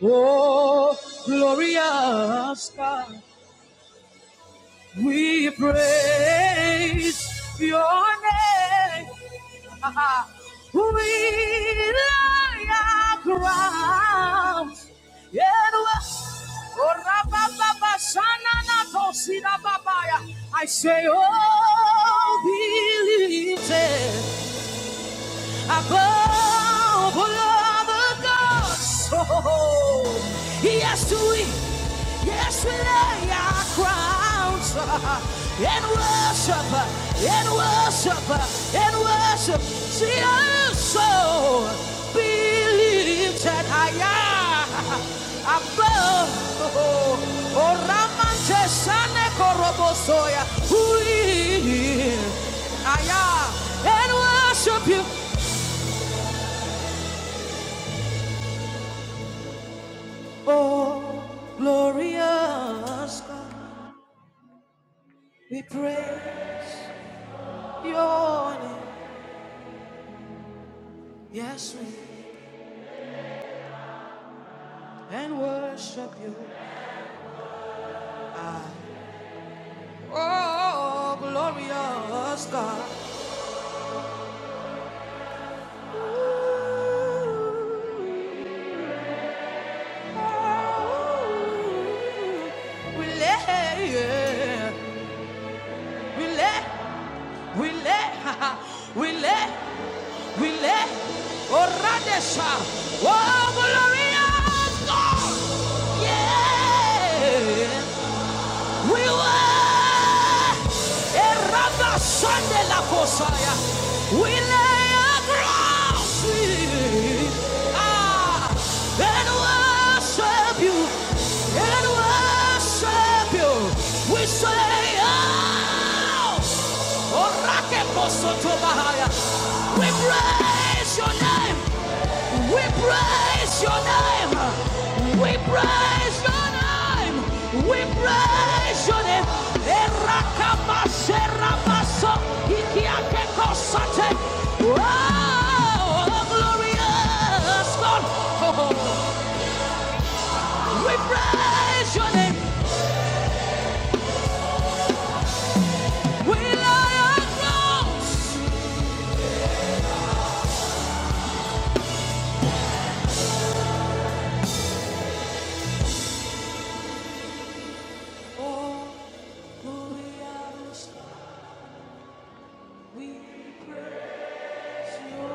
Oh, glorious God, we praise your name. We lay our ground. Yeah, oh, rabababa, shanana, tosida, babaya. I say, oh, believe it. Above all other gods. Oh, yes, we, yes, we lay our crowns and worship, and worship, and worship. See us so believe that I am above. Oh, oh, Ramante Sane Korobosoya. Who is I am and worship you. Oh, glorious God, we praise your name. Yes, we and worship you. Oh, glorious God. Ooh, oh, we lay, yeah, we lay, we lay, we lay. We let Oradesha. Oh, glorious God! Yeah! We were Eraba Sande la Posaya. We lay across it. Ah! And worship you. And worship you. We say, Oh! Orake posoto we praise your name. We praise your name. We praise your name. We praise your name. Erakabaserabaso, ikiakekosate. Wow, the glorious God. We praise your name. We lie on thrones. we praise your name.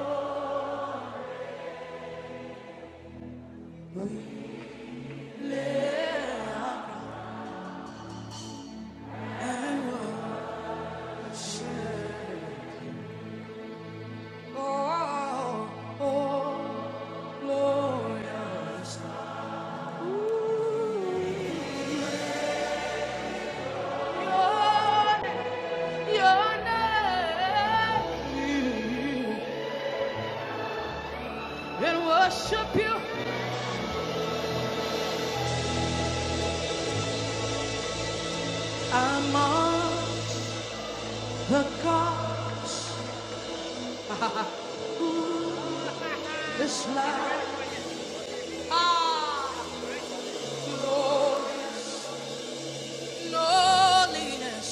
Oh, oh, glorious. Your your name. And worship you amongst the gods. Who is like ah, glorious loneliness,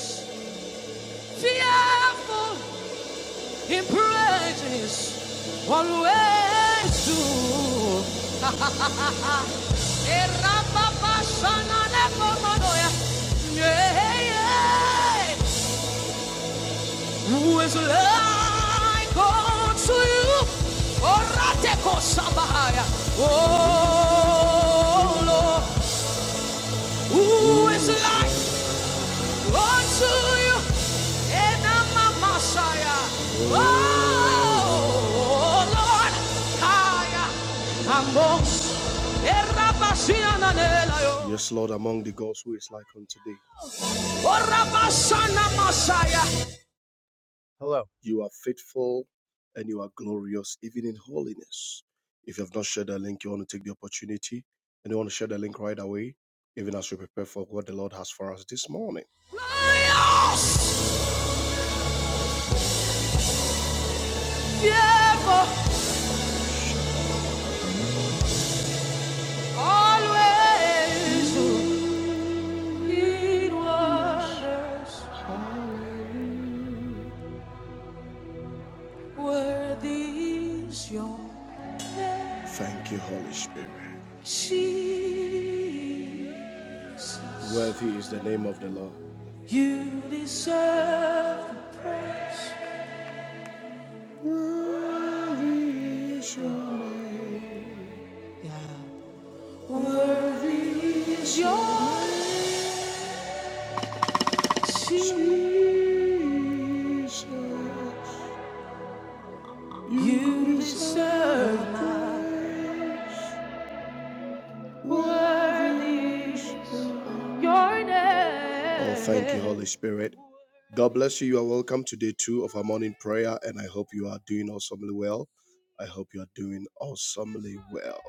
fearful in praises always do. Erapapasananekomodoya. Yeah, yeah. Who is like unto you? Orateko Oratekosabahaya. Oh Lord, who is like? Unto you, and I'm a Messiah. Oh, Lord, higher. Yes, Lord, among the gods who is like unto thee. Hello. You are faithful and you are glorious, even in holiness. If you have not shared the link, you want to take the opportunity and you want to share the link right away, even as we prepare for what the Lord has for us this morning. Glorious! Thank you, Holy Spirit. Jesus. Worthy is the name of the Lord. You deserve the praise. Worthy is your name. Yeah. Worthy is your name. Jesus, you deserve my worthy your name. Oh, thank you, Holy Spirit. God bless you. You are welcome to day two of our morning prayer, and I hope you are doing awesomely well. I hope you are doing awesomely well.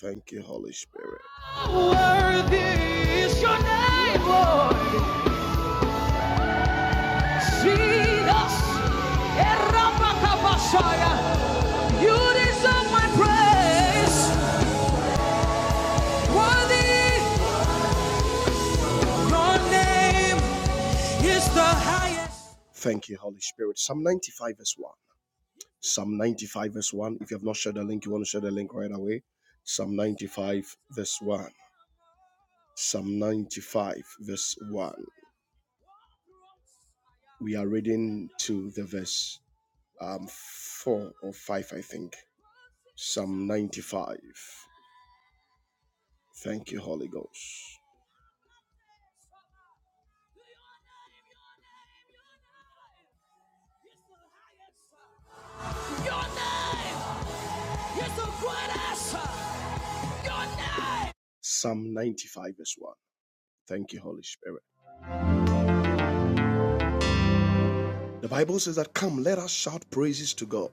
Thank you, Holy Spirit. Worthy is your name, Lord. Jesus, Erabakabashaya, you deserve my praise. Worthy, your name is the highest. Thank you, Holy Spirit. Psalm 95, verse 1. Psalm 95, verse 1. If you have not shared the link, you want to share the link right away. Psalm 95, verse 1. Psalm 95, verse 1. We are reading to the verse um, 4 or 5, I think. Psalm 95. Thank you, Holy Ghost. Your name is the greatest. Your name. Psalm 95, verse 1. Thank you, Holy Spirit. The Bible says that, Come, let us shout praises to God.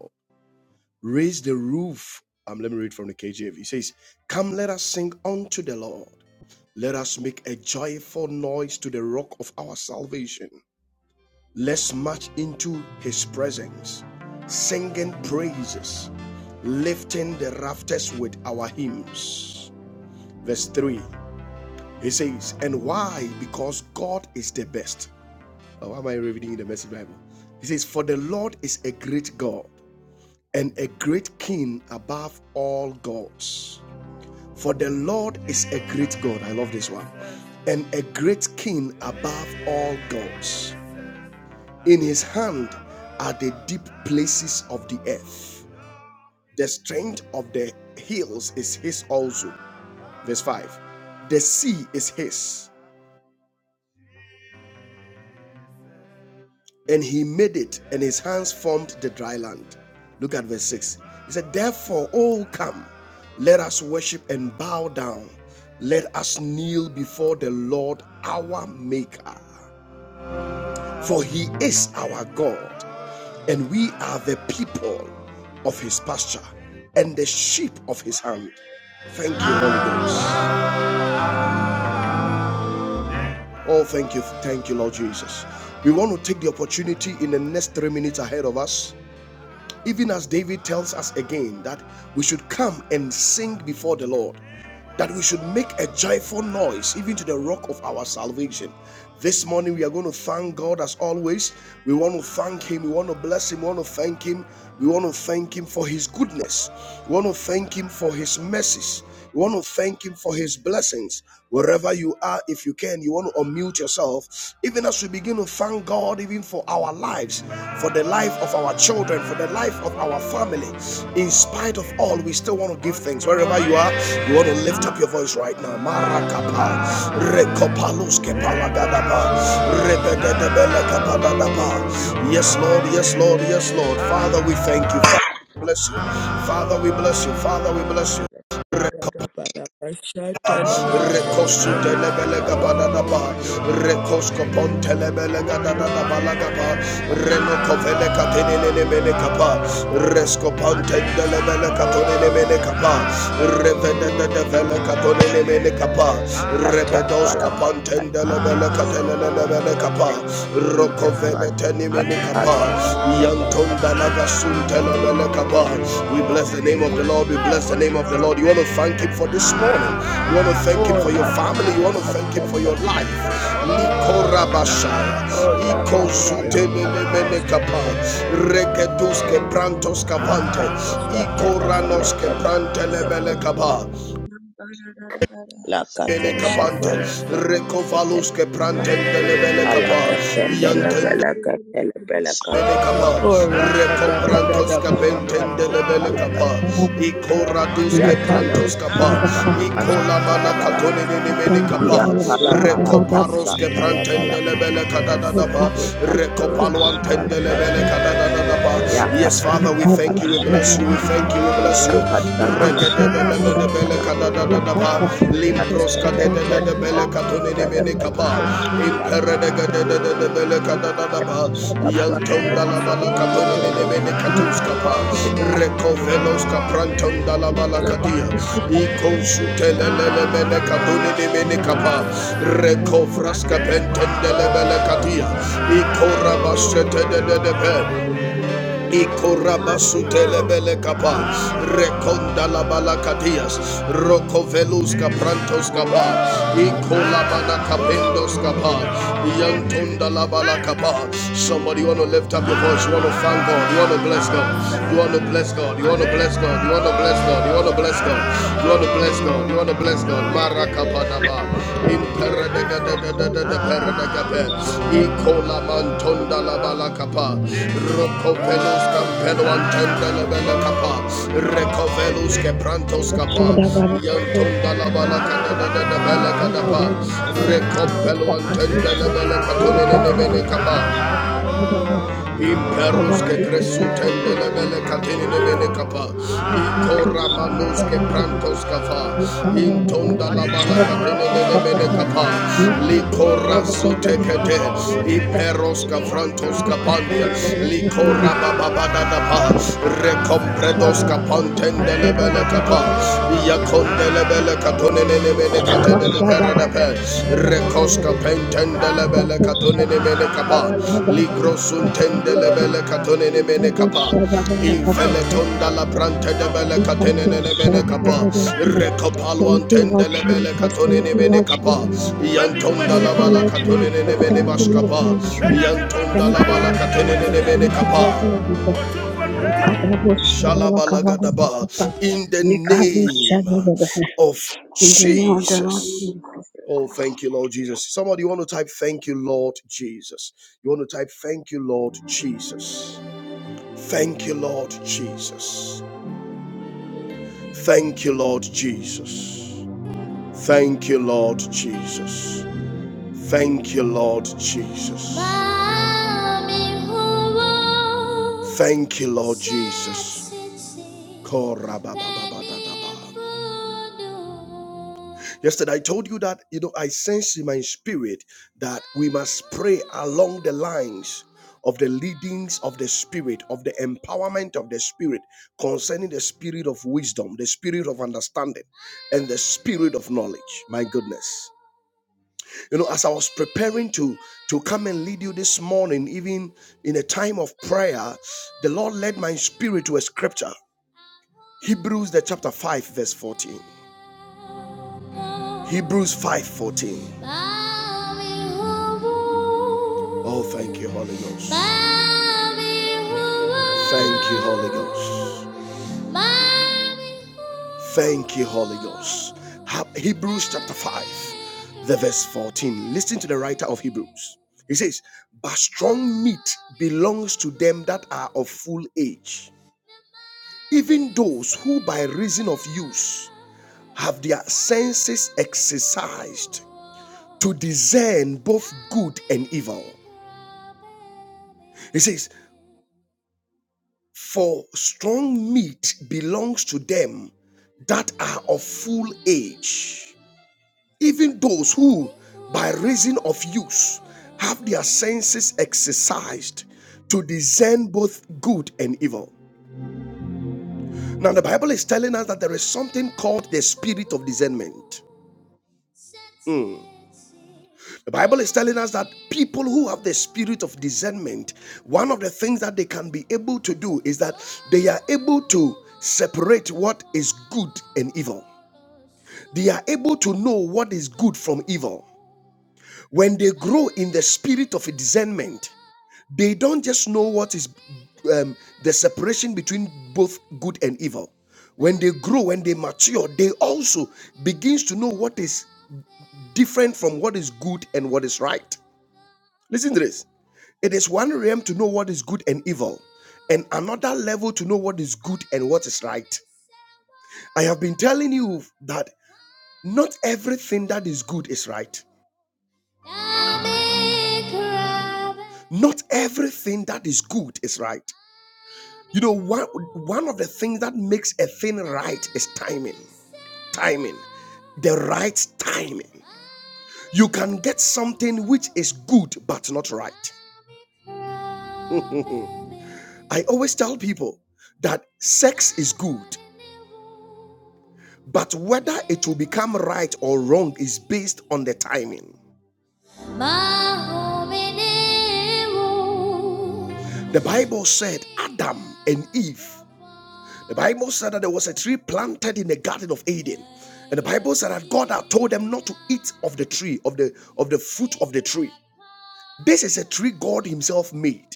Raise the roof. Um, let me read from the KJV. It says, Come, let us sing unto the Lord. Let us make a joyful noise to the rock of our salvation. Let's march into his presence, singing praises, lifting the rafters with our hymns. Verse 3, he says, And why? Because God is the best. Oh, why am I reading the message Bible? He says, For the Lord is a great God and a great king above all gods. For the Lord is a great God. I love this one. And a great king above all gods. In his hand are the deep places of the earth. The strength of the hills is his also. Verse 5 The sea is his, and he made it, and his hands formed the dry land. Look at verse 6. He said, Therefore, all come, let us worship and bow down. Let us kneel before the Lord our Maker. For he is our God, and we are the people of his pasture and the sheep of his hand. Thank you, Holy Ghost. Oh, thank you, thank you, Lord Jesus. We want to take the opportunity in the next three minutes ahead of us Even as David tells us again that we should come and sing before the Lord, that we should make a joyful noise even to the rock of our salvation. This morning we are going to thank God as always. We want to thank Him. We want to bless Him. We want to thank Him. We want to thank Him for His goodness. We want to thank Him for His mercies. We want to thank Him for His blessings. Wherever you are, if you can, you want to unmute yourself, even as we begin to thank God, even for our lives, for the life of our children, for the life of our family. In spite of all, we still want to give thanks. Wherever you are, you want to lift up your voice right now. Marakapa, rekopaluske palagadaba, rebedebelekabadadaba. Yes, Lord, yes, Lord, yes, Lord. Father, we thank you. Father, we bless you. Oh Father, we bless you. Father, we Lord, bless you. Rekosu telebelega bananaba, rekosko pontelebelega dananabalagaba, renokovele katenelebele kapa, resko pontendelebele katonelebele kapa, revenenebele katonelebele kapa, rebedoska Lord, we give you pontendelebele praise and glory. katenelebele kapa, thank you, Jesus, man, rokovele Father, and tell Lord, the we thank benefit. you this morning. We Thank you for every Yeah, we bless the name of the mind Lord. We bless the name we of the Lord. You want stand to with thank you. Him for this morning. You want to thank Him oh, for your love the family. You want to benefit. thank Him for your life. Lord, God, I Niko Rabashaya. thank Oh, you. love, Iko We Thank you. Patala, We Zute Thank Mene you. Mene We Lakato, Thank you. for Jesus' name. shut the Mind we benefit. stand with you. Lord, God, da, da, da, da. Lakato, Mind we stand with you. Mind we stand with shop, you. Mind we stand with you. Thank you, Belekapas, Lord. Recoprantos Thank you, Capentende Lord, we Lebelecapas, thank Lord you. Lord, we Icoradus thank you. We Caprantos give all the Capas, thanks to you. We Icolamana thank you. Catonini Lord, we Menicapas, give you the wish and Recoparos give you the Caprantende honor and the glory and the Lebelecadadapas, honor. Lord, we give Recopaluantende you the Yakatala praise and Lebelecadadapas. give you Yes, Father, we the glory. thank you, we bless you, we thank you, we bless you. Lord, we give you the wish and give you the honor and Regedebelekadadadadaba, the glory. Limproska de de de de bele Lord, we katoni ni give mene you kapa. the wish and give you the honor and the glory. Lord, we give you the wish Impere de and give you de de de de bele kadada da ba. Yantom da bala katoni ni ni mene katus the honor and the kapa. Jesus. Recovelos glory. kaprantom da la Thank bala you, kadia. Thank Lord. Iko Thank you, Jesus. sute le Lord. le le mene Mandiri, Devi, katoni ni thank mene Thank you, kapa. you. Lord. Recovras kapenton de le bele kadia. Mandiri, Iko Devi, thank you, rabasete de Lord. de de be. Mandiri, Devi, Ikorabasutelebele thank kapa, you, Lord. rekonda la balakatias, rokovelus kaprantos kapa, ikolabana kapendos kapa, yantonda Mandiri, la Devi, balakapa. thank you, Somebody you want to lift up your voice, you want to Lord. thank God, you want to bless God, you Thank want to bless God, you want to bless God, you want to bless God, you want to bless God, you want to bless God, you want to bless God, Marakapa daba. Imperadadadadadada paradagape. Ikola mantonda la balakapa. Rokovelus campelo antenda la balakapa. Recovelus quebrantos capa. Yantonda la balakadadadada balakadapa. Recompelo antenda la balakatone ne ne ne kapa. you. Imperuske cresutendele bele catinine bene capa, Ikora manuske prantos capa, Thank Intonda la bala catinine bene capa, Licora sutecate, Iperosca frantos capandia, Licora bababadadapa, Recompredos capantendele bele capa, Iacondele bele Mene katene Thank you de berede from the Rekoska Lord, my pentende Father, and my lebele katone ne Lord. mene kapa. Father, Lord, we Ligro thank you. suntende Lord, we lebele thank katone ne you. mene kapa. My God, we thank you. Infele tonda la brante de bele katene ne mene kapa. you. My God, we thank Rekopalo Thank you, you. My Lord antende God, lebele Jesus. katone Thank ne you, mene Lord kapa. Jesus. We Yantonda thank la you, bala Lord katone Jesus. ne mene Thank you, Lord maskapa. Jesus. Yantonda Thank la you, bala Lord katene ne Jesus. mene Thank you, kapa. Lord Jesus. Shalabalagada Makababoshababakababababa. In the name Mekaboshabababa. of In the name of the Lord we thank you. Jesus. Jesus. Oh, thank you, Lord Jesus. Somebody, you want to type, Thank you, Lord Jesus. You want to type, Thank you, Lord Jesus. Thank you, Lord Jesus. Thank you, Lord Jesus. Thank you, Lord Jesus. Thank you, Lord Jesus. Thank you, Lord Jesus. Yesterday, I told you that, you know, I sense in my spirit that we must pray along the lines of the leadings of the spirit, of the empowerment of the spirit, concerning the spirit of wisdom, the spirit of understanding, and the spirit of knowledge. My goodness you know as i was preparing to to come and lead you this morning even in a time of prayer the lord led my spirit to a scripture hebrews the chapter 5 verse 14 hebrews five, fourteen. oh thank you holy ghost thank you holy ghost Thank you, Holy Ghost. Hebrews chapter 5, the verse 14. Listen to the writer of Hebrews. He says, But strong meat belongs to them that are of full age, even those who by reason of use have their senses exercised to discern both good and evil. He says, For strong meat belongs to them that are of full age even those who, by reason of use, have their senses exercised to discern both good and evil. Now, the Bible is telling us that there is something called the spirit of discernment. The Bible is telling us that people who have the spirit of discernment, one of the things that they can be able to do is that they are able to separate what is good and evil. They are able to know what is good from evil. When they grow in the spirit of discernment, They don't just know what is um, the separation between both good and evil. When they grow, when they mature, they also begins to know what is different from what is good and what is right. Listen to this. It is one realm to know what is good and evil, and another level to know what is good and what is right. I have been telling you that not everything that is good is right. Not everything that is good is right. You know, one one of the things that makes a thing right is timing. Timing. The right timing. You can get something which is good but not right. I always tell people that sex is good, but whether it will become right or wrong is based on the timing. The Bible said Adam and Eve The Bible said that there was a tree planted in the Garden of Eden. And the Bible said that God had told them not to eat of the tree, of the of the fruit of the tree. This is a tree God Himself made.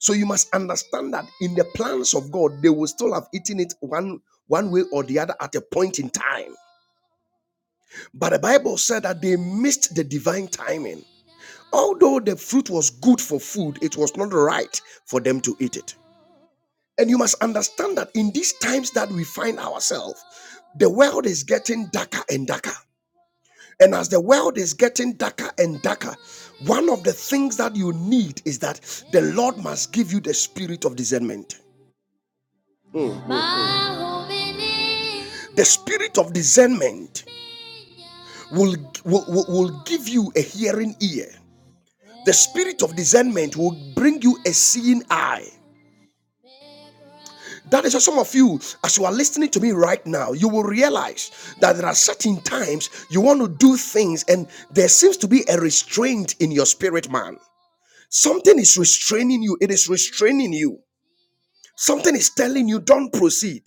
So you must understand that in the plans of God, they will still have eaten it one one way or the other at a point in time. But the Bible said that they missed the divine timing. Although the fruit was good for food, it was not right for them to eat it. And you must understand that in these times that we find ourselves, the world is getting darker and darker. And as the world is getting darker and darker, one of the things that you need is that the Lord must give you the spirit of discernment. The spirit of discernment will, will, will give you a hearing ear. The spirit of discernment will bring you a seeing eye. That is why some of you, as you are listening to me right now, you will realize that there are certain times you want to do things and there seems to be a restraint in your spirit, man. Something is restraining you, it is restraining you. Something is telling you, don't proceed.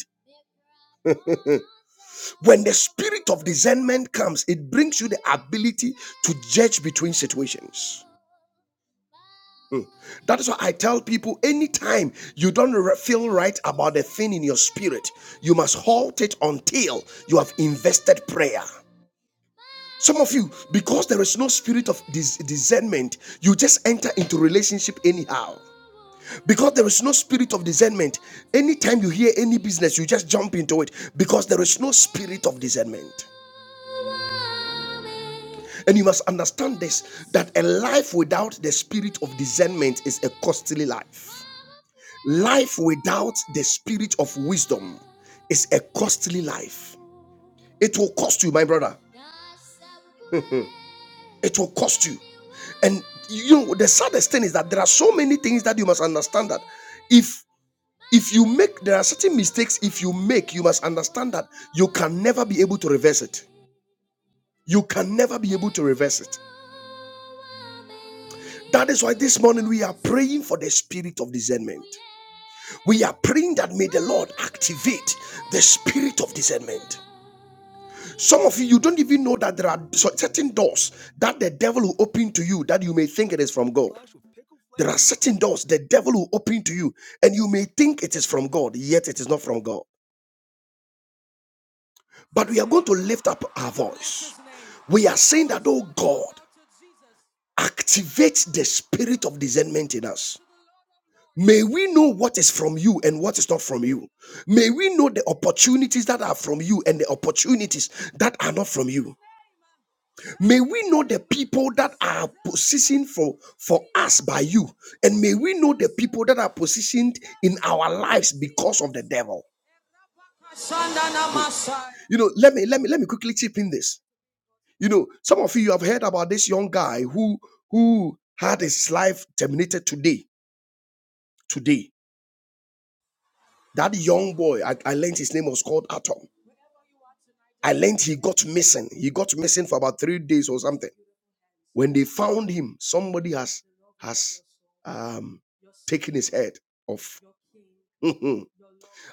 When the spirit of discernment comes, it brings you the ability to judge between situations. That is why I tell people anytime you don't feel right about a thing in your spirit, you must halt it until you have invested prayer. Some of you, because there is no spirit of dis- discernment, you just enter into relationship anyhow. Because there is no spirit of discernment, anytime you hear any business, you just jump into it because there is no spirit of discernment. And you must understand this that a life without the spirit of discernment is a costly life. Life without the spirit of wisdom is a costly life. It will cost you, my brother. It will cost you. And you know, the saddest thing is that there are so many things that you must understand that if if you make there are certain mistakes if you make, you must understand that you can never be able to reverse it. You can never be able to reverse it. That is why this morning we are praying for the spirit of discernment. We are praying that may the Lord activate the spirit of discernment. Some of you, you don't even know that there are certain doors that the devil will open to you that you may think it is from God. There are certain doors the devil will open to you, and you may think it is from God, yet it is not from God. But we are going to lift up our voice. We are saying that, oh God, activate the spirit of discernment in us. May we know what is from you and what is not from you. May we know the opportunities that are from you and the opportunities that are not from you. May we know the people that are positioned for, for us by you. And may we know the people that are positioned in our lives because of the devil. You know, let me let me let me quickly chip in this. You know, some of you you have heard about this young guy who who had his life terminated today. Today. That young boy, I, I learned his name was called Atom. I learned he got missing. He got missing for about three days or something. When they found him, somebody has has um, taken his head off.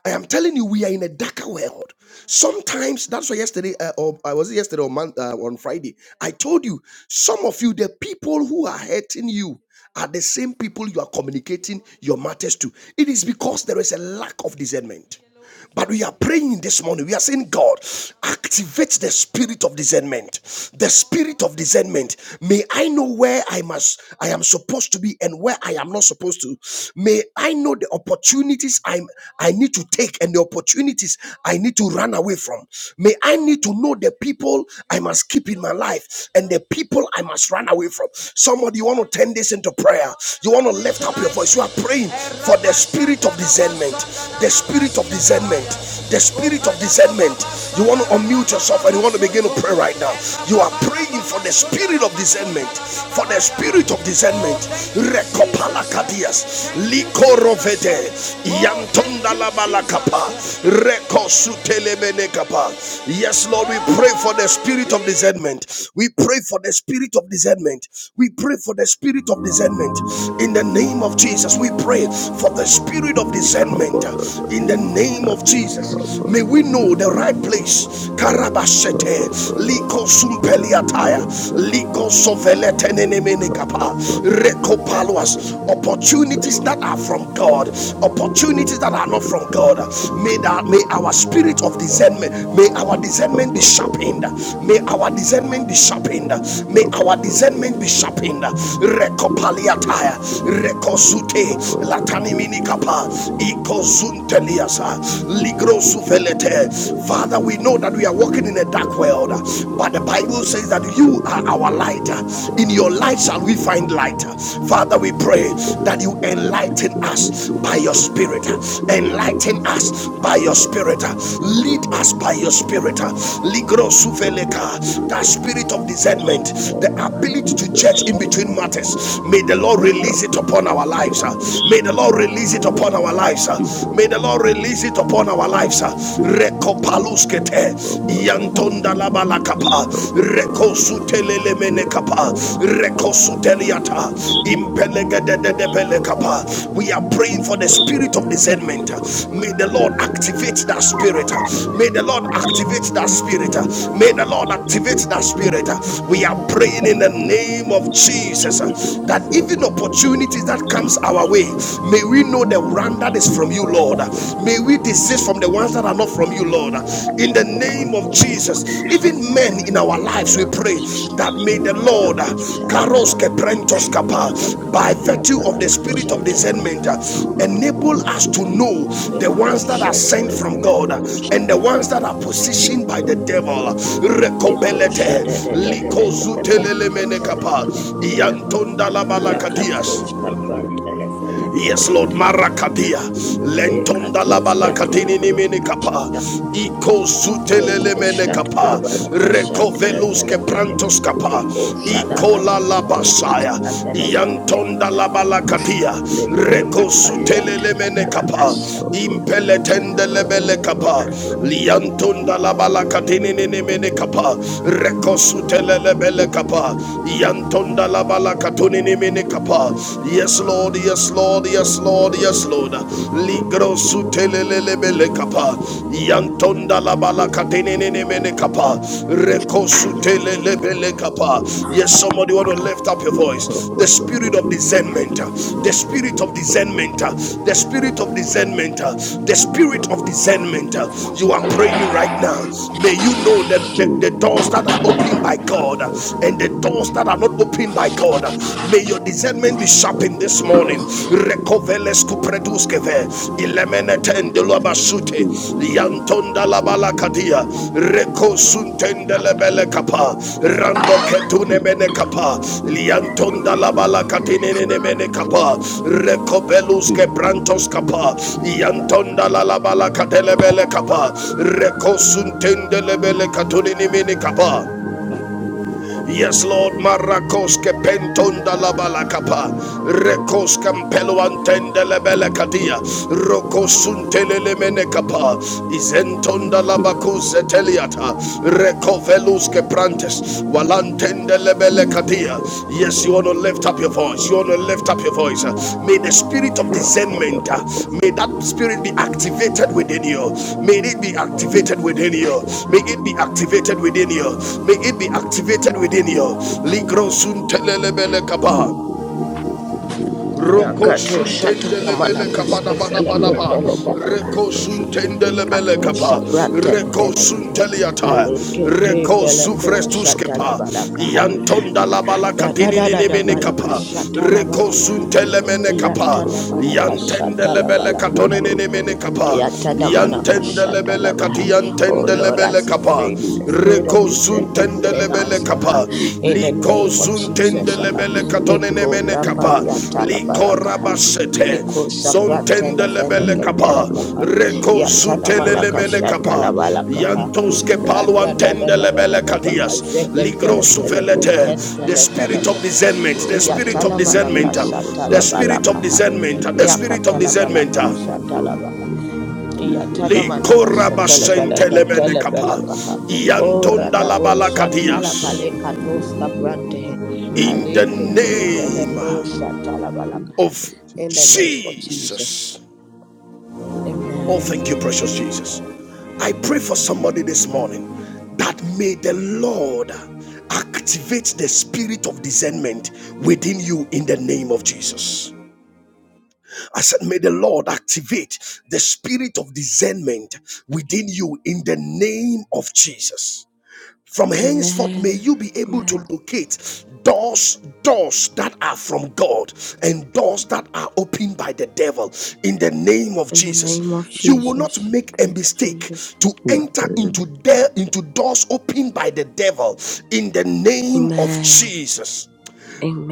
I am telling you, we are in a darker world. Sometimes that's why yesterday, uh, or I was it yesterday or month, uh, on Friday, I told you some of you, the people who are hurting you are the same people you are communicating your matters to. It is because there is a lack of discernment. But we are praying this morning. We are saying, God, activate the spirit of discernment. The spirit of discernment. May I know where I must, I am supposed to be and where I am not supposed to. May I know the opportunities i I need to take and the opportunities I need to run away from. May I need to know the people I must keep in my life and the people I must run away from. Somebody, you want to turn this into prayer. You want to lift up your voice. You are praying for the spirit of discernment. The spirit of discernment. The spirit of discernment. You want to unmute yourself and you want to begin to pray right now. You are praying for the spirit of discernment. For the spirit of discernment. Rekopala kadias. Likorovete. Yantonda balakapa. Rekosutelemene kapa. Yes, Lord, we pray for the spirit of discernment. We pray for the spirit of discernment. We pray for the spirit of discernment. In the name of Jesus, we pray for the spirit of Dali discernment Kaba discernment uh, Dada in Dada the name of Dali Jesus. Kaba May we Sande know the right Dadi place. Dali Kaba Karabashete, Bara liko Doke sumpeliataya, Diyan Dada liko Dadi Dali Kaba soveletenenemenekapa, Sande Dada rekopaluas. Bara Dadi Opportunities that are from Dada God, Oh, opportunities that are not Spirit from of God. May discernment, that may oh our Lord God spirit of discernment, Almighty, may our we come discernment be up with sharpened. some really, May our really, discernment be really sharpened. ungodly May cover, our cover, discernment be cover, sharpened. cover. The Spirit of Rekopaliataya, discernment, we come up rekosute, with some really, latanimini really, Rakapa, really, really, really, really, Ikozunteliasa, we come up with the Ligrosuvelete. ungodly, Father, really, we know that we really, are really walking in a dark ungodly world, cover, but the cover, Bible cover. says that you Oh are Lord, our oh light. Lord, we come In to your thee light shall today, we oh find Lord light. Father, we pray pray for the that you spirit of enlighten discernment, us O by your Lord, spirit. the spirit of Enlighten us discernment, by O your Lord, spirit. in the Lead us mighty by name your of spirit. Jesus. Install the Ligrosuveleka, spirit that of spirit of discernment, discernment in us, the ability to in the judge in mighty between name of Makababoshabababa. matters. Jesus. May the Lord release it Mekabasibakaboshababa. Sharpen upon our our lives. spirit of May. May the Lord release discernment, it O upon Lord, our lives. Mekabasibakaboshababa. uh. in the May the Lord mighty name release of it upon our Jesus. lives. Mekabasibakaboshababa. uh. Lutari and Rekopaluskete, Baba Baba yantonda Devi labalakapa, Mekabasibakaboshababa. Devi rekosutelemenekapa, rekosuteliata, Thank impelegededebelekapa. We are praying for the spirit of discernment. May the Lord activate that spirit. May the Lord activate that spirit. May the Lord activate that spirit. We are praying in the name of Jesus uh, Spirit of that even discernment, O Lord, opportunities that comes in comes the our way, mighty name may of we know the Jesus. one that is We from you, cover Lord. Sunday, May we we desist will from the be ones that on are not the from we you, Lord. will be In the cover name of Sunday, we Jesus, will even be men in on our lives, we the pray Lekosha that la may la the the fela Lord, Kuru ko Bushatu, Karos the shada Keprentos Kappa, Baby, and by the virtue of the Kaba spirit Santa, of discernment, Road to enable Puru us to Sundu, know the the Baby, ones that are and sent from the God baba, and the baba, da ones that da are da da. the positioned by the Kaba devil. Santa, the you. Baby, Liko Rekobelete, shada and da da da the da da baba, da. Tele Likozutelelemenekapa, mele Shapina, tele ba. and the spirit of Yakato Iantondalabalakadias. discernment, O shapa Lord, tele in fele the Yes, keten mighty Lord, tele name of fele ka. Marakadia, Jesus, O Lord, Lentonda Yakato the cover shata la Labalakatini let ni us fela be ka able Menekapa, to shata. know, O Iko Lord, all Sutelele Liko shata opportunities la Menekapa, that are fela ka coming from shata la you Recovelus fele and ke. those Keprantos Kapa, Liko opportunities that shada have la Iko la been La la set la by la the ka Labasaya, evil one, shata la O fele Lord. ke Yantonda tele ba. Let Labalakadia, carry and Lekola carry Reko the Paliata Sutelele video. Menekapa, Palakasha Recover the Impeletende and carry Lebelekapa, cover Sunday, the Liantunda video and Labalakatini carry ni cover. Menekapa, Reko Recover Sutelele cover Belekapa, Sunday, the video. Yantonda Sharpen Labalakatuni our ni spirit of discernment, Yes, O Lord, Lord. yes, Lord, yes, Sharpen Lord, our yes, Lord. spirit of Ligro discernment, O Lord. In sutelelebele the kapa. mighty name of Jesus, yeah. Yantonda la let it grow, O balakatinene kapa. Lord. Let it Reko grow, O Lord. sutelelebele kapa. Yes, somebody want to lift up your voice. The spirit of discernment. The spirit of discernment. The spirit of discernment. The spirit of discernment. You are praying right now. May you know that the, the doors that are opened by God and the doors doors that are not opened by God. May your discernment be sharpened this morning. Recoveles kupreduskeve ilemenetende lobasute yantonda labala Sunday, kadia rekosuntende lebele kapa rando ketune mene kapa Sunday, liantonda labala katine nene mene kapa rekobeluske brantos kapa yantonda lalabala katelebele kapa rekosuntende lebele katune nimene kapa Yes, Lord, Marakoske pentonda la balakapa, Rekoske mpelo antende lebele kadia, Rokosuntele lemene kapa, Izentonda la bakuse teliata, Rekoveluske prantes, Walantende lebele kadia, Yes, you want to lift up your voice. You want to lift up your voice. May the spirit of discernment, Rakabada uh, may that Sunday, spirit be activated within you. May it be Lift activated up within our you. son to May the it be Lord. activated within In the you. name May of it be Jesus. activated within In you. the name Ligro of sun Jesus. telelebele kaba. Lift up our son to the Lord. Roko Yakato Yonder the suntende Kappa lebele kapa Shatamanakas da River. ba da ba da ba. Felekeleka Rakabadaba Reko Sunday. suntende Yonder lebele Likato kapa. Shapran the Reko Kappa Telefeleke sunteliata. Radati Alekete Reko in the Feleko sufrestus Shatala kepa. Kappa Balakaha Sunday. Yantonda Yonder la bala Da da the katini da ni da ni da mene Balaka kapa. Kappa Shatala Sunday. Reko Balakaha suntele Yonder mene the kapa. Yatana Manaka Yantende Kappa lebele Shatala katoni Lipa ni ni mene Pada kapa. Kapa Yatada Sunday manaka Yantende Lipi shada lebele Bibi kati labaha. Wanda Oh yantende Lord, Lipa lebele kapa. activate the Lipi spirit of Reko. Bibi Kapa discernment within Sunday Suntendelebele us, Lipi Gaha, kapa, in the Bibi liko name of Jesus. Lipi Gaha. suntendelebele Bibi katonene Liko Kapa mene la Sunday kapa, Lipi paliata la Bibi liko palakaha. Bibi Bibi rabashete, Liko Wanda saprantene zontendelebele kapa, feneketele Liyanda baha. reko Liyanda Yatana sutelele Likada manaka mene Baba shata kapa, la Baba Baba balakaha. So yantos ke God Rada da da is da da da paluantendelebele da baha. the kadias, Son of ligro Zeketele God, full suvelete, of the peleketentele God. spirit of felekaha. discernment, Baba the spirit Sante, of Yatana manaka discernment, Baba shata the la Sante, spirit of balakaha. discernment, the spirit of Yakatala discernment. balaka Baba shata Baba, you Yatana over the manaka Likora lemon shatala wrong balaka home, basentelemene tala kapa, right balaka in ha. the name of O yantonda la Jesus. radabo Please shatala balakadias. pale cover Sunday, katoska Baba. prantehe. Let me In the know Alike things that te are from felako you, name Lord, shatala in balaka the ha. of mighty In the name of name of Jesus. Jesus. Jesus. Oh, thank you, Amen. precious Jesus. I pray for somebody this morning that may the Lord activate the spirit of discernment within you in the name of Jesus. I said, may the Lord activate the spirit of discernment within you in the name of Jesus. From henceforth, may Amen. you be able to Amen. locate doors, doors that are from God and doors that are opened by the devil in the name of In the name of Jesus. You will not Jesus. make a Thank you, mistake Jesus. to enter Amen, into there into doors opened by the devil in the name of Amen. Jesus.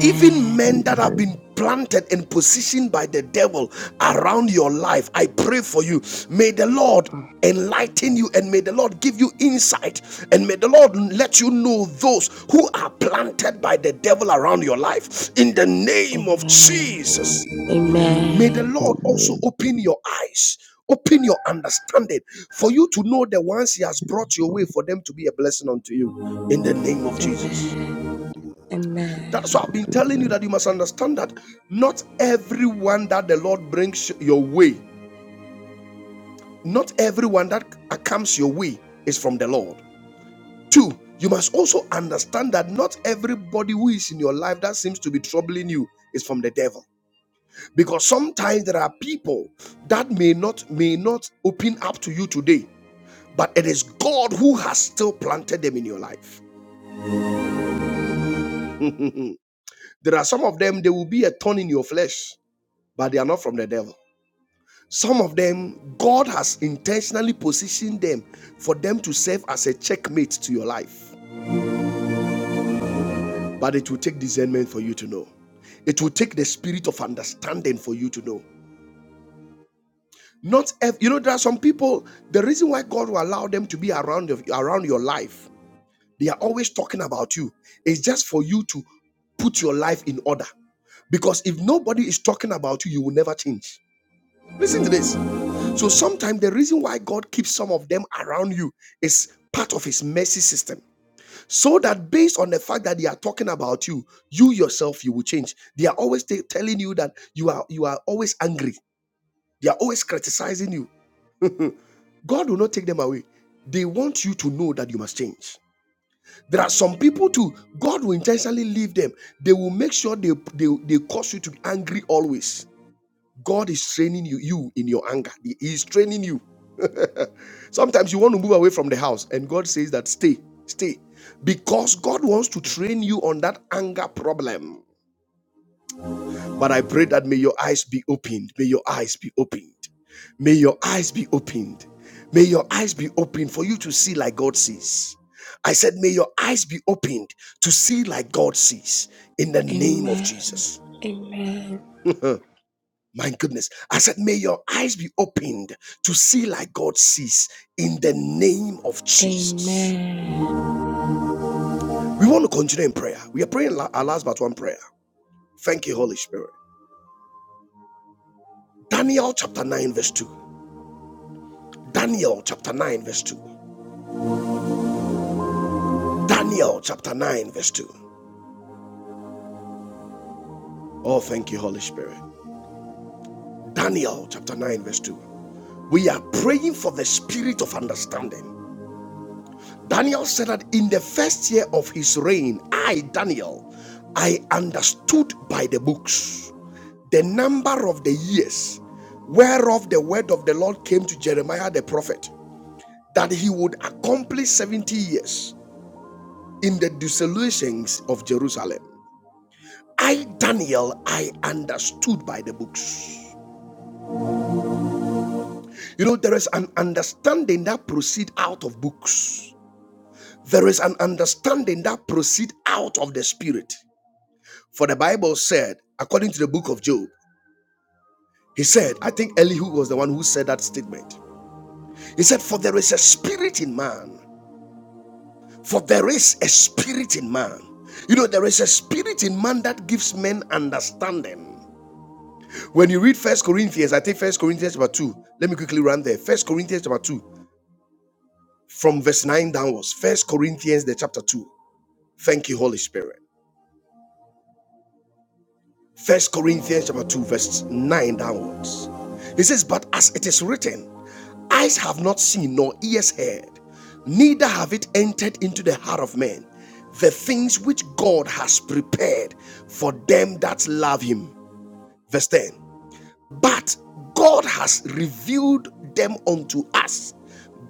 Even men that have amen, been planted and positioned by the devil around your life, I pray for you. May the Lord Mm. enlighten you and may the Lord give you insight and may the Lord let you know those who are planted by the devil around your life. In the name of Amen. Jesus, may the Amen. Lord also amen. open your eyes. Open your understanding for you to know the ones He has brought Yes, your way Lord, for them to be a blessing unto you in the name of Jesus. Amen. yes, That's Amen. why I've Lord, been amen. telling you that you must understand that not everyone that the Lord brings your way, not everyone that comes your way is from the Lord. Two, you must also understand that not everybody who is in your life that seems to be troubling you is from the devil. Because sometimes there are people that may not may not open up to you today, but it is God who has still planted them in your life. there are some of them, they will be a thorn in your flesh, but they are not from the devil. Some of them, God has intentionally positioned them for them to serve as a checkmate to your life. But it will take discernment for you to know. It will take the spirit of understanding for you to know. Not ev- you know, there are some people, the reason why God will allow them to be around, around your life, they are always talking about you. It's just for you to put your life in order. Because if nobody is talking about you, you will never change. Listen to this. So sometimes the reason why God keeps some of them around you is part of his mercy system. So that based on the fact that they are talking about you, you yourself you will change. They are always t- telling you that you are you are always angry. They are always criticizing you. God will not take them away. They want you to know that you must change. There are some people too, God will intentionally leave them. They will make sure they, they, they cause you to be angry always. God is training you, you in your anger. He is training you. Sometimes you want to move away from the house, and God says that stay, stay, because God wants to train you on that anger problem. But I pray that may your eyes be opened. May your eyes be opened. May your eyes be opened. May your eyes be opened for you to see like God sees. I said, may your eyes be opened to see like God sees in the name of Amen. Jesus. Amen. My goodness. I said, may your eyes be opened to see like God sees in the name of Jesus. Amen. We want to continue in prayer. We are praying our last but one prayer. Thank you, Holy Spirit. Daniel chapter 9, verse 2. Daniel chapter 9, verse 2. Daniel chapter 9, verse 2. Oh, thank you, Holy Spirit. Daniel chapter 9, verse 2. We are praying for the spirit of understanding. Daniel said that in the first year of his reign, I, Daniel, I understood by the books the number of the years whereof the word of the Lord came to Jeremiah the prophet that he would accomplish 70 years in the desolations of Jerusalem. I, Daniel, I understood by the books. You know, there is an understanding that proceed out of books. There is an understanding that proceed out of the spirit. For the Bible said, according to the book of Job, he said, I think Elihu was the one who said that statement. He said, For there is a spirit in man, For there is a spirit in man. You know, there is a spirit in man that gives men understanding. When you read First Corinthians, I take First Corinthians chapter 2. Let me quickly run there. First Corinthians chapter 2, from verse 9 downwards. First Corinthians the chapter 2. Thank you, Holy Spirit. First Corinthians chapter 2, verse 9 downwards. He says, But as it is written, Eyes have not seen, nor ears heard, neither have it entered into the heart of man, the things which God has prepared for them that love him. Verse 10. But God has revealed them unto us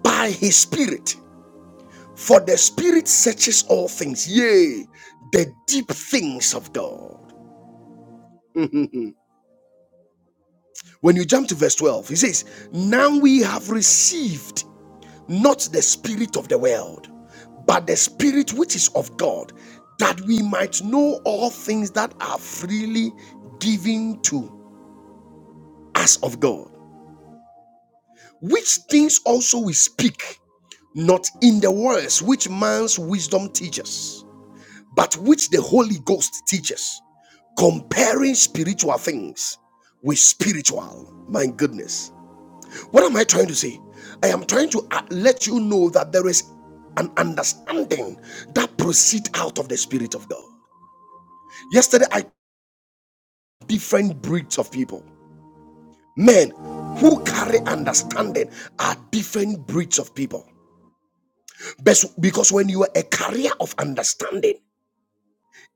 by his Spirit. For the Spirit searches all things, yea, the deep things of God. When you jump to verse 12, he says, Now we have received not the spirit of the world, but the spirit which is of God, that we might know all things that are freely given to us of God. Which things also we speak, not in the words which man's wisdom teaches, but which the Holy Ghost teaches, comparing spiritual things with spiritual. My goodness. What am I trying to say? I am trying to uh, let you know that there is an understanding that proceeds out of the Spirit of God. Yesterday, I different breeds of people. Men who carry understanding are different breeds of people. Because when you are a carrier of understanding,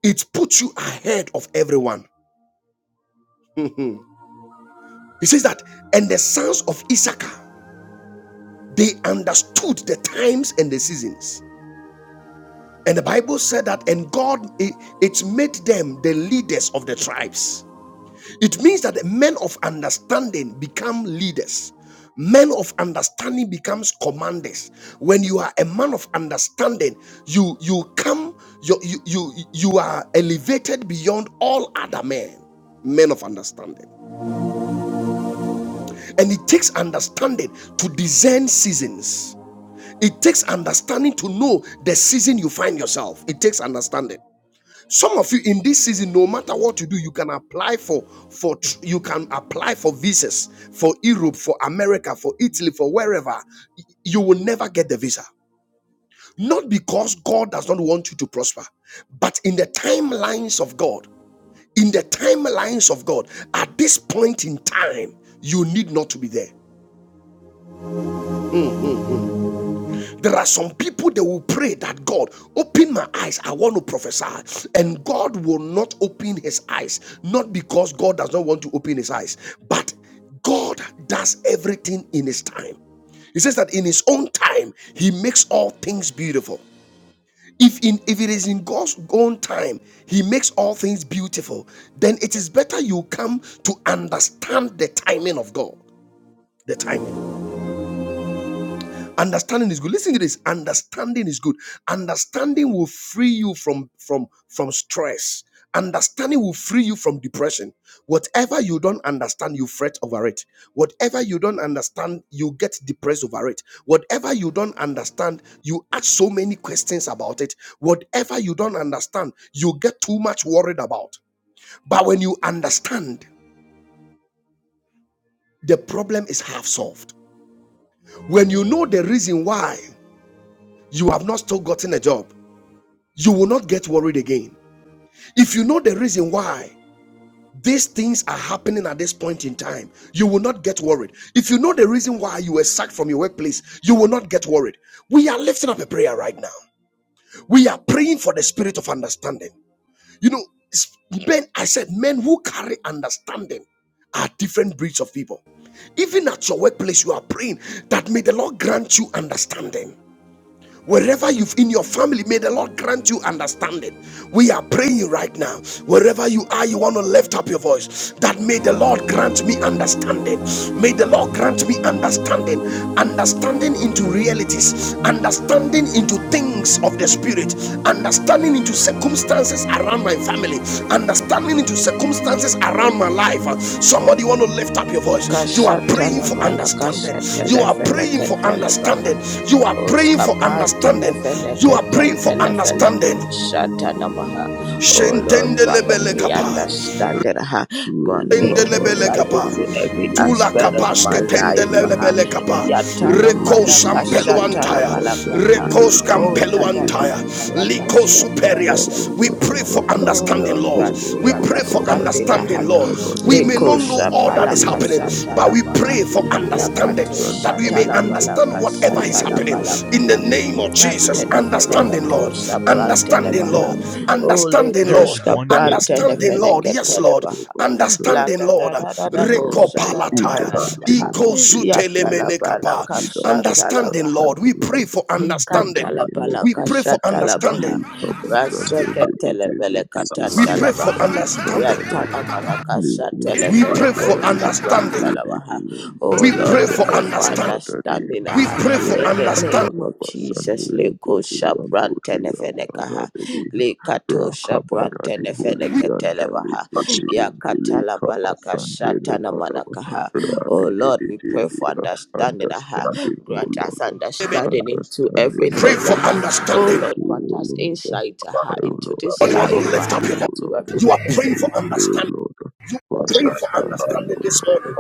it puts you ahead of everyone. He says that, and the sons of Issachar, they understood the times and the seasons. And the Bible said that, and God, it, it made them the leaders of the tribes. It means that the men of understanding become leaders. Men of understanding becomes commanders. When you are a man of understanding, you you come, you you you, you are elevated beyond all other men. Men of understanding. And it takes understanding to discern seasons. It takes understanding to know the season you find yourself. It takes understanding. Some of you in this season, no matter what you do, you can apply for for you can apply for visas for Europe, for America, for Italy, for wherever. You will never get the visa. Not because God does not want you to prosper, but in the timelines of God, in the timelines of God, at this point in time, you need not to be there. There are some people that will pray that God open my eyes. I want to prophesy, and God will not open his eyes, not because God does not want to open his eyes, but God does everything in his time. He says that in his own time, he makes all things beautiful. If in if it is in God's own time, he makes all things beautiful, then it is better you come to understand the timing of God. The timing. understanding is good listen to this understanding is good understanding will free you from from from stress understanding will free you from depression whatever you don't understand you fret over it whatever you don't understand you get depressed over it whatever you don't understand you ask so many questions about it whatever you don't understand you get too much worried about but when you understand the problem is half solved when you know the reason why you have not still gotten a job you will not get worried again. If you know the reason why these things are happening at this point in time, you will not get worried. If you know the reason why you were sacked from your workplace, you will not get worried. We are lifting up a prayer right now. We are praying for the spirit of understanding. You know, men, I said, men who carry understanding are different breeds of people. Even at your workplace, you are praying that may the Lord grant you understanding. Wherever you've in your family, may the Lord grant you understanding. We are praying right now. Wherever you are, you want to lift up your voice. That may the Lord grant me understanding. May the Lord grant me understanding. Understanding into realities. Understanding into things of the spirit understanding into circumstances around my family understanding into circumstances around my life Uh, somebody want to lift up your voice you are praying Kashatana for understanding you manakashatele are praying for feleketele baha. understanding you are praying for Oskapan understanding you are praying tenefeneketen for understanding telefeleko shatanamaha. Oh Lord, grant me Shentendelebelekapa. understanding, ha. grant me Tendelebele insight kapa. into every Tula aspect of my kapaske Sunday, life. Ha. tendelebele kapa. Oh Yatana Reko manaka shatala sampeluantaya. balaka. ha. Reko Oh, skampeluantaya. ratatata balaka Liko superias. We shenemenefeleke. pray for Oh understanding, Lord, Lord. grant Lord me We God pray for understanding. Almighty, ha. understanding, make Lord. up us We under the may Leko not know all that is shapalaka happening, Lord. but shatala we We baha. pray for pray for understanding Yakato that understanding, we O may Shatala Lord. understand Balaka whatever O is Satala Lord, happening and we in the pray, Balakaha O name Lord, of for Jesus. Understanding, understanding, Antenefenekato Lord, O Lord, in understanding, the Lord, Sabrantelebaha mighty name of Ole understanding, Jesus. Lord, koska Koshka Let me know, understanding, Lord, O yes, Lord, Lord, Brantenefenekatelebaha whatever is La understanding, da da Lord, da da da happening bo around Reko me, shana na in na the palataya, na na mighty maha name Iko of Jesus, O yatala Lord, grant balaka me zutelemenekapa. the shatala understanding, understanding, Lord. O We pray Lord, for in the understanding. name of Ikatalapala We pray for Jesus. understanding. kashatalabaha. Likapa Sunday, baby, Raseketelebele baby, baby, We dear, pray for katantalabaha. daddy, cover understanding. up. Yatanamana Likuru, We kasatelefele was pray for somebody, understanding. baby, koskaprantalabaha. baby, Oh We daddy, Lord, pray we for pray for understanding. cover, understanding We aha. pray for in the understanding. name of Jesus. Leko shaprantenefenekaha. Likato shaprantenefeneketelebaha. Yakatalabala kashatanamanakaha. Oh Lord, we pray for understanding aha. Understanding, O Grant us Lord, understanding into understanding, O Pray everything. for Lord, Uh, oh understanding. Lord, today, grant us O Lord, insight uh, O into this But you Lord, want to we life are lift uh, up here, your and voice. O into Lord, You are everything I praying for pray, O understanding. Lord, for Praying Thank for understanding, understanding O this Lord. morning.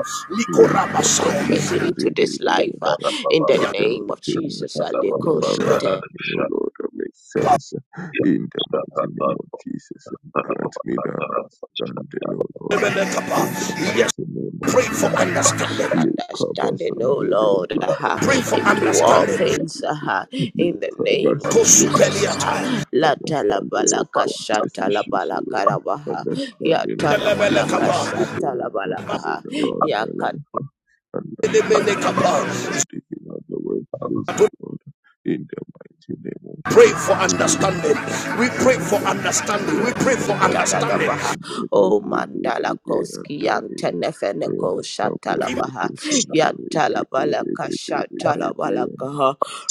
Let Likora Messiah. pertaining to this life. uh, in the name of everything that Jesus, uh, is going on Leko around Shute, me, O Lord, that makes sense in the mighty name of Jesus. And grant me the understanding, O Lord, in the Yes, mighty name of pray for Jesus. uh, understanding. understanding, oh Likabasandere, Lord, brother, uh, Pray for daddy, into all and understanding. things. Uh, in the daddy, name of baby Jesus, uh, Kosupeliata. Lata la understanding of balaka complex shata la issues, O balaka Lord, rabaha. Ya understanding of manaka situations, O shata la Lord, happening around my balaka. life, O understanding, O Lord, even at the workplace, O Lord, in the mighty name of Pray for Jesus, Lee understanding. We pray for Kabasandeba, understanding. We pray for da Rakabada da da understanding. baha Basandebe, o mandala koski and Dani, yantenefene ko shatala In Rakaburo baha Sundore, yatala balaka shatala balaka ha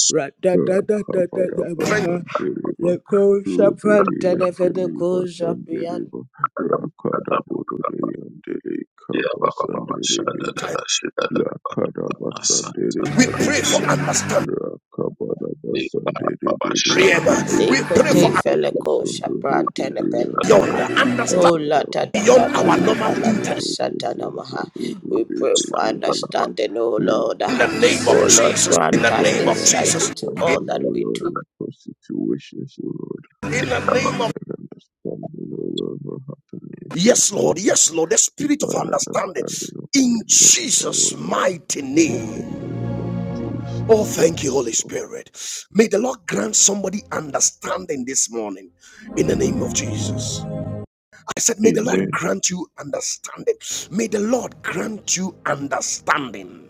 ra da da da da da da Rakabaraba praying baha Sandereba le shapran Rudidi and tenefene ko Deliva shapian Sandereba Rakadabururi and Delikaba Sanderebi time, Lakadaba we Sandereba pray for Didia understanding. Rakabaraba Sanderebi Didi We leke pray for fele Rodobo ko shapran Sanderebi tenefene ko and beyond, understanding Oh, la Dalikabaraba da da da beyond da our da normal Ebobo intellect. balaka Robo shatana maha. We pray for Sanderebi understanding, oh Leave Lord. in the ah. name of Oh our Lord, Jesus, in grant the us name Divine of insight Jesus, into in, all understanding, that O we Lord, do. in all situations, O Lord. in the name of Divine understanding, O Lord, for happiness, O yes, Lord, Lord. yes, Lord, the spirit of Divine understanding understanding of in phenomena, Jesus' O Lord. mighty In the name. name of Oh, Jesus. thank you, Holy So, Spirit. May the Lord grant somebody understanding this morning in the name of Jesus. I said, May the Lord amen. grant you understanding. May the Lord grant you understanding.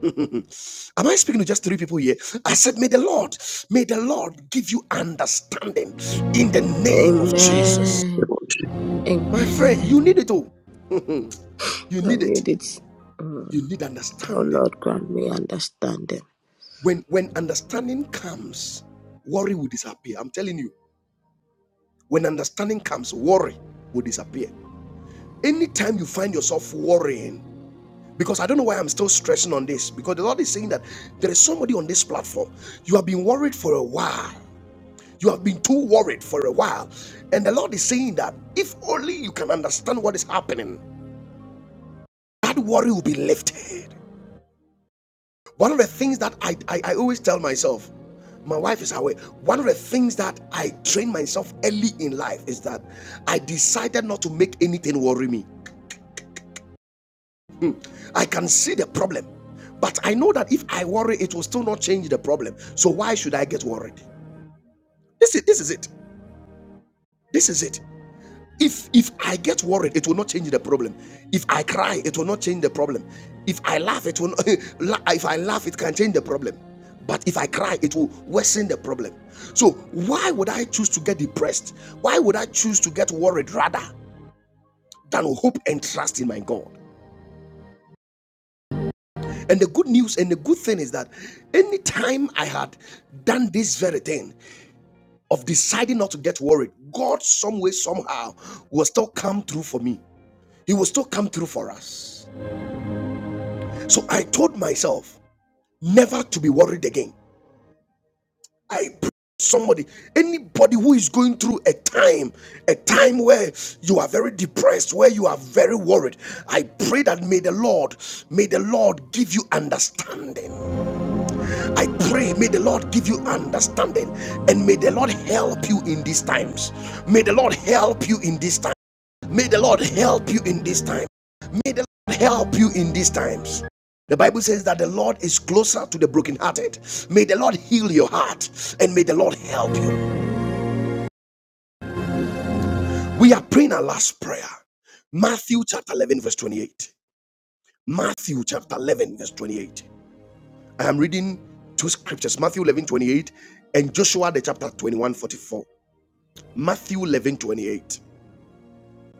Am I speaking to just three people here? I said, May the Lord, may the Lord give you understanding in the name of Jesus. Amen. you. My friend, you need Amen. it all. you I need it. need it. Mm. You need Oh understanding. Lord, grant me understanding. When when understanding comes, worry will disappear. I'm telling you, when understanding comes, worry will disappear. Anytime you find yourself worrying, because I don't know why I'm still stressing on this, because the Lord is saying that there is somebody on this platform. You have been worried for a while. You have been too worried for a while. And the Lord is saying that if only you can understand what is happening, that worry will be lifted. One of the things that I, I, I always tell myself, my wife is away. One of the things that I trained myself early in life is that I decided not to make anything worry me. Hmm. I can see the problem, but I know that if I worry, it will still not change the problem. So why should I get worried? This is this is it. This is it. If if I get worried, it will not change the problem. If I cry, it will not change the problem. If I laugh, it will not, if I laugh, it can change the problem. But if I cry, it will worsen the problem. So why would I choose to get depressed? Why would I choose to get worried rather than hope and trust in my God? And the good news and the good thing is that anytime I had done this very thing of deciding not to get worried, God, some way, somehow, will still come through for me. He will still come through for us. So I told myself never to be worried again. I pray somebody, anybody who is going through a time, a time where you are very depressed, where you are very worried. I pray that may the Lord, may the Lord give you understanding. I pray, may the Lord give you understanding and may the Lord help you in these times. May the Lord help you in these times. May the Lord help you in this time. May the Lord help you in these times. The Bible says that the Lord is closer to the brokenhearted. May the Lord heal your heart and may the Lord help you. We are praying our last prayer. Matthew chapter 11, verse 28. Matthew chapter 11, verse 28. I am reading two scriptures Matthew eleven twenty-eight and Joshua the chapter 21 44. Matthew 11 28.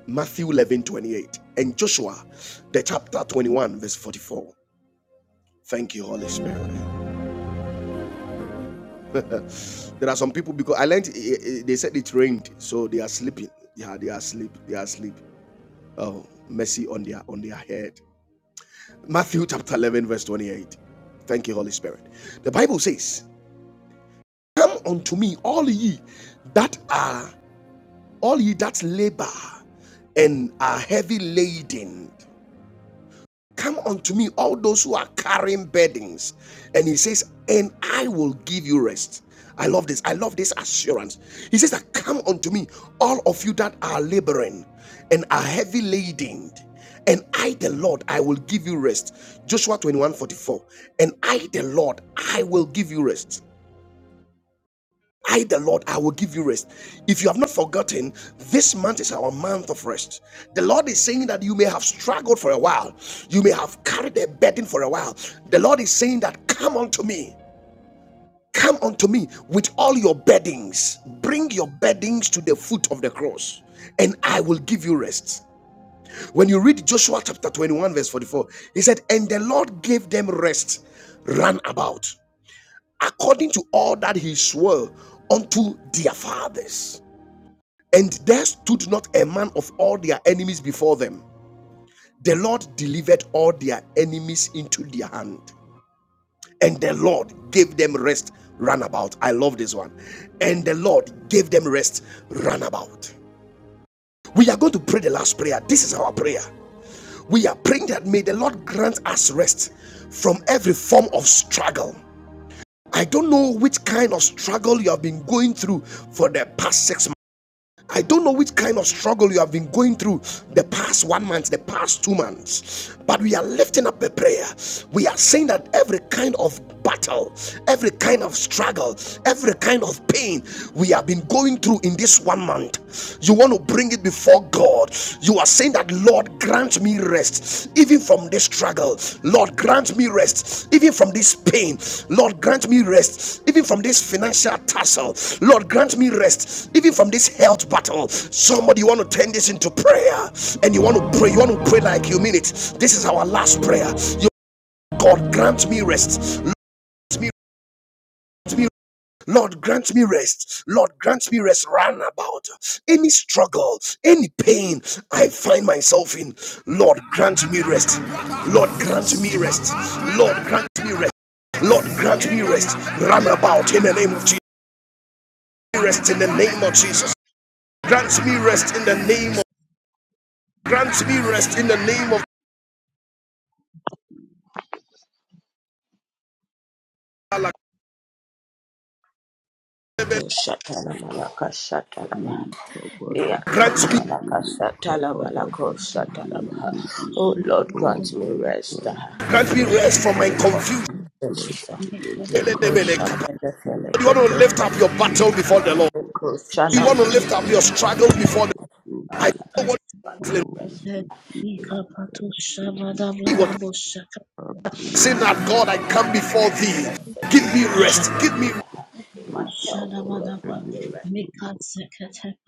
Matthew 11 28 And Joshua the chapter 21, verse 44. Thank you, Holy Spirit. there are some people because I learned eh, eh, eh, they said it rained, so they are sleeping. Yeah, they are asleep. They are asleep. Oh, mercy on their on their head. Matthew chapter 11, verse 28. Thank you, Holy Spirit. The Bible says, Come unto me, all ye that are all ye that labor and are heavy laden. Come unto me, all those who are carrying burdens. And he says, And I will give you rest. I love this. I love this assurance. He says that come unto me, all of you that are laboring and are heavy laden, and I the Lord I will give you rest. Joshua 21 44. And I the Lord I will give you rest. I, the Lord, I will give you rest. If you have not forgotten, this month is our month of rest. The Lord is saying that you may have struggled for a while, you may have carried a burden for a while. The Lord is saying that, Come unto me. Come unto me with all your beddings. Bring your beddings to the foot of the cross, and I will give you rest. When you read Joshua chapter 21, verse 44, he said, And the Lord gave them rest run about according to all that he swore unto their fathers. And there stood not a man of all their enemies before them. The Lord delivered all their enemies into their hand, and the Lord gave them rest runabout. I love this one. And the Lord gave them rest runabout. We are going to pray the last prayer. This is our prayer. We are praying that may the Lord grant us rest from every form of struggle. I don't know which kind of struggle you have been going through for the past six months. I don't know which kind of struggle you have been going through the past one month, the past two months, but we are lifting up a prayer. We are saying that every kind of battle, every kind of struggle, every kind of pain we have been going through in this one month, you want to bring it before God. You are saying that, Lord, grant me rest even from this struggle. Lord, grant me rest even from this pain. Lord, grant me rest even from this financial tussle. Lord, grant me rest even from this health battle. Somebody, you want to turn this into prayer and you want to pray. You want to pray like you mean it. This is our last prayer. You- God, grant me rest. Grant me Lord, grant me rest. Lord, grant me rest. Run about any struggle, any pain I find myself in. Lord, grant me rest. Lord, grant me rest. Lord, grant me rest. Lord, grant me rest. Run about in the name of Jesus. Rest in the name of Jesus. Grant me rest in the name of. Grant me rest in the name of. Allah. To shatala malaka shatala baha. Likapada dadi Liatana Grant me, indi malaka shatala likapada balako shatala basandi baha. libya. Oh Lord, Oh grant me Lord, rest grant ah, me grant me in rest, the rest O from my name Lord. of confusion. Grant Jesus. ah. me rest, O Leko You Lord. shatala want to felekete lift up tele- your Likabasandi battle before the Lord. libya. leko You shana Oh want to mana. lift up your Lord, grant struggle before the me rest, O I know Lord. what Grant you're feeling. me Oh, Rest, in this season I am feeling weak, O What Lord. I pray, O saying that Lord God, God I come Almighty, before that my you thee. job, grant search, Give me Lord, me grant me rest, rest. O Give me rest Lord. rest ah, in my health, Against oh my Lord, grant me rest. enemies, O Lord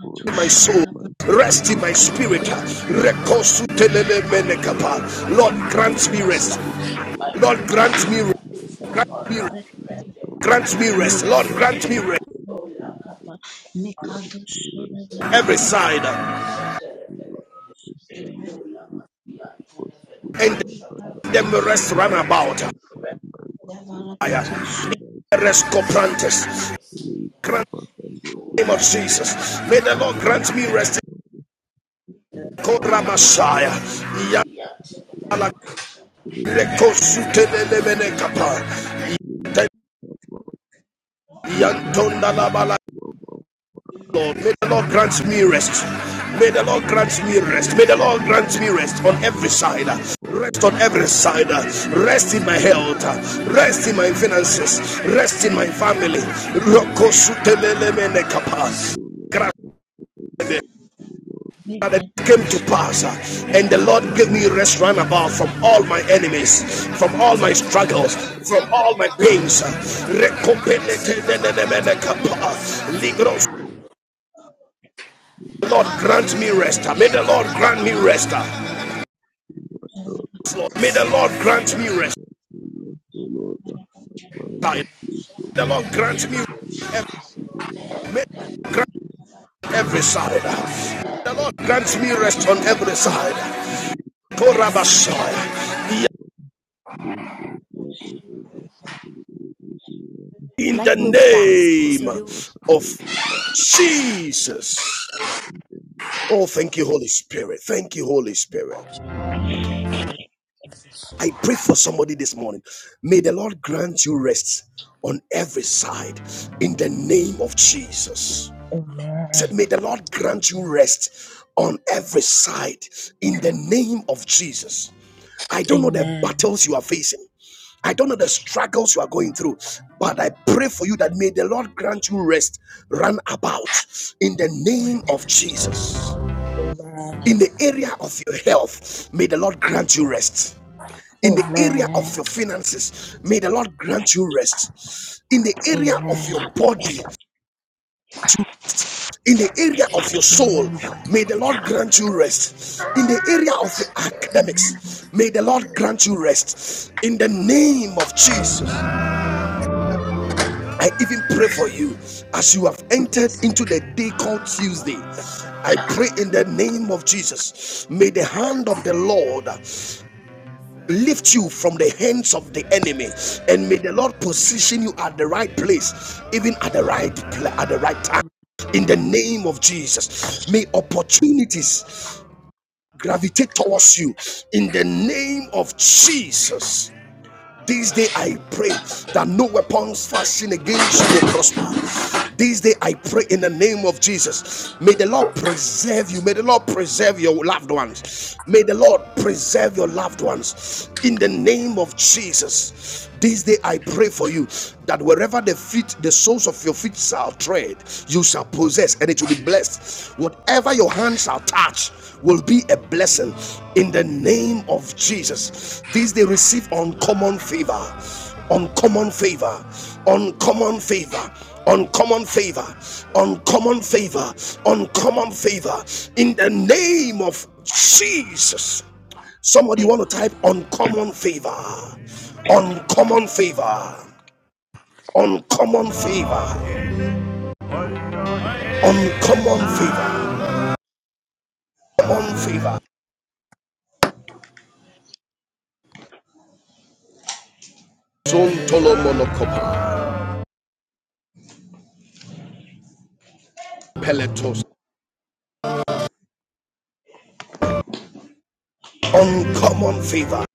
for in and my fight soul. my battles Rest in for my me in spirit. the mighty name of Jesus. For the Lord, first in my grant me rest uh, rest. spirit, O in my Lord, Lord, grant in finances, me in my rest. the mighty business, Grant Lord me name God, rest. of you ready Jesus, them O Lord, Grant me in rest. Mikado Lord, grant Jesus. grant me me rest. rest, Oh, O la Lord, catula, Shadabara, grant Mikado me rest, O Every tala Lord, side. pella, grant shatala me pella, rest in the la this mafia, difficult tala pella, situation And oh, I find shatala, them myself, O rest Lord, run Lord God, about. and fight my battle for me in Rest the Shadabara, mighty name of rest on coprantes. Jesus. every side. Grant Papa, Sunday, every the name of Ikula day, pavia, and Jesus. tala May the mana, Lord tala grant me rest. the Thank pella, Kora tala, Messiah. yatala pella, oh, shatala. may the Lord grant me rest. May the Lord grant me rest. May the Lord grant me rest on every side. Rest on every side. Rest in my health. Rest in my finances. Rest in my family. that came to pass uh, and the lord gave me rest round you. about from all Just so many my talented enemies from all my struggles from all my pains uh, people who are in my lord grant me rest health uh, may and the who lord grant me rest is uh, still in my health, oh Lord, may the lord grant me congregation, rest continue, oh Lord, my uh, may manager, please, oh the lord Lord, grant me rest. continue receiving in my may family, the oh Lord grant every Lord, rock side up out of uh, my the lord family, oh Lord, oh Lord, grant me oh Lord, oh rest on every side Lord, oh Lord, oh Korabashaya. Lord, in the name of Jesus. Oh, thank you, Holy Spirit. Thank you, Holy Spirit. I pray for somebody this morning. May the Lord grant you rest on every side in the name of Jesus. said, Amen. May the Lord grant you rest on every side in the name of Jesus. I don't know the Amen. battles you are facing. I don't know the struggles you are going through, but I pray for you that may the Lord grant you rest, run about in the name of Jesus. Amen. In the area of your health, may the Lord grant you rest. In the area of Amen. your finances, may the Lord grant you rest. In the area of your Amen. body, in the area of your soul Amen. may the lord grant you rest in the area of your academics may the lord grant you rest in the name of jesus i even pray for you as you have entered into the day called tuesday i pray in the name of jesus may the hand of the lord lift you from the hands of the enemy and may the lord position you at the right place even at the right at the right time in the name of Jesus, may opportunities gravitate towards you in the name of Jesus. This day I pray that no weapons fashioned against you will prosper. This day I pray in the name of Jesus. May the Lord preserve you. May the Lord preserve your loved ones. May the Lord preserve your loved ones in the name of Jesus. This day I pray for you that wherever the feet, the soles of your feet shall tread, you shall possess and it will be blessed. Whatever your hand shall touch will be a blessing in the name of Jesus. This they receive uncommon favor, uncommon favor, uncommon favor. Uncommon favor, uncommon favor, uncommon favor in the name of Jesus. Somebody Amen. want to type uncommon favor, uncommon favor, uncommon favor, uncommon favor. Uncommon favor. Zontolomonokopa. Peletos. Uncommon favor.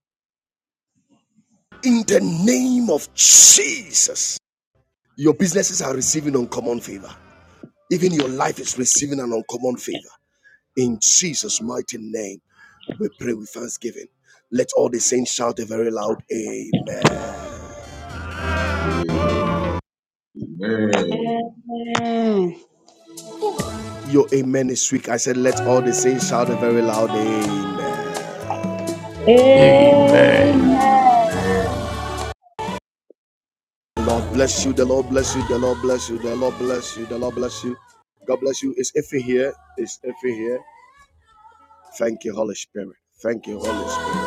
In the name of Jesus. Your businesses are receiving uncommon favor. Even your life is receiving an uncommon favor. In Jesus' mighty name, we pray with thanksgiving. Let all the saints shout a very loud amen. Amen. Amen. Your amen is weak. I said, let all the saints shout a very loud amen. Amen. Amen. Amen. Amen. Lord bless you. The Lord bless you. The Lord bless you. The Lord bless you. The Lord bless you. God bless you. It's Ife here. It's Ife here. Thank you, Holy Spirit. Thank you, Holy Spirit.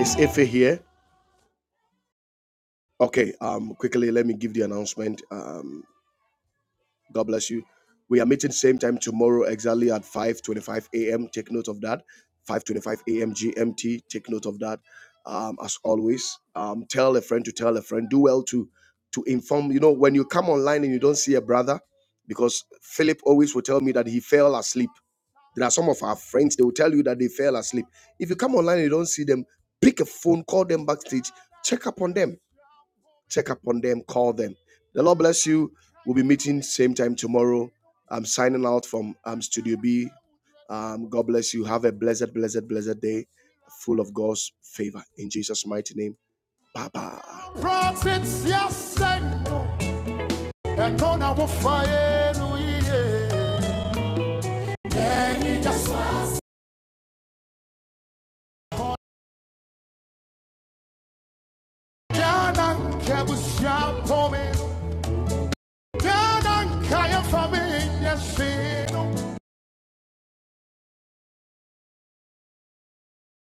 It's Ife here. Okay. Um. Quickly, let me give the announcement. Um. God bless you. We are meeting same time tomorrow, exactly at 5:25 a.m. Take note of that. 5:25 a.m. GMT. Take note of that. Um, as always, um, tell a friend to tell a friend. Do well to to inform. You know, when you come online and you don't see a brother, because Philip always will tell me that he fell asleep. There are some of our friends they will tell you that they fell asleep. If you come online and you don't see them, pick a phone, call them backstage, check up on them check upon them, call them. The Lord bless you. We'll be meeting same time tomorrow. I'm signing out from um, Studio B. Um, God bless you. Have a blessed, blessed, blessed day full of God's favor. In Jesus' mighty name. Bye bye. Prophets, yes, and no. fire, no, yeah. yeah, yes, yeah, no.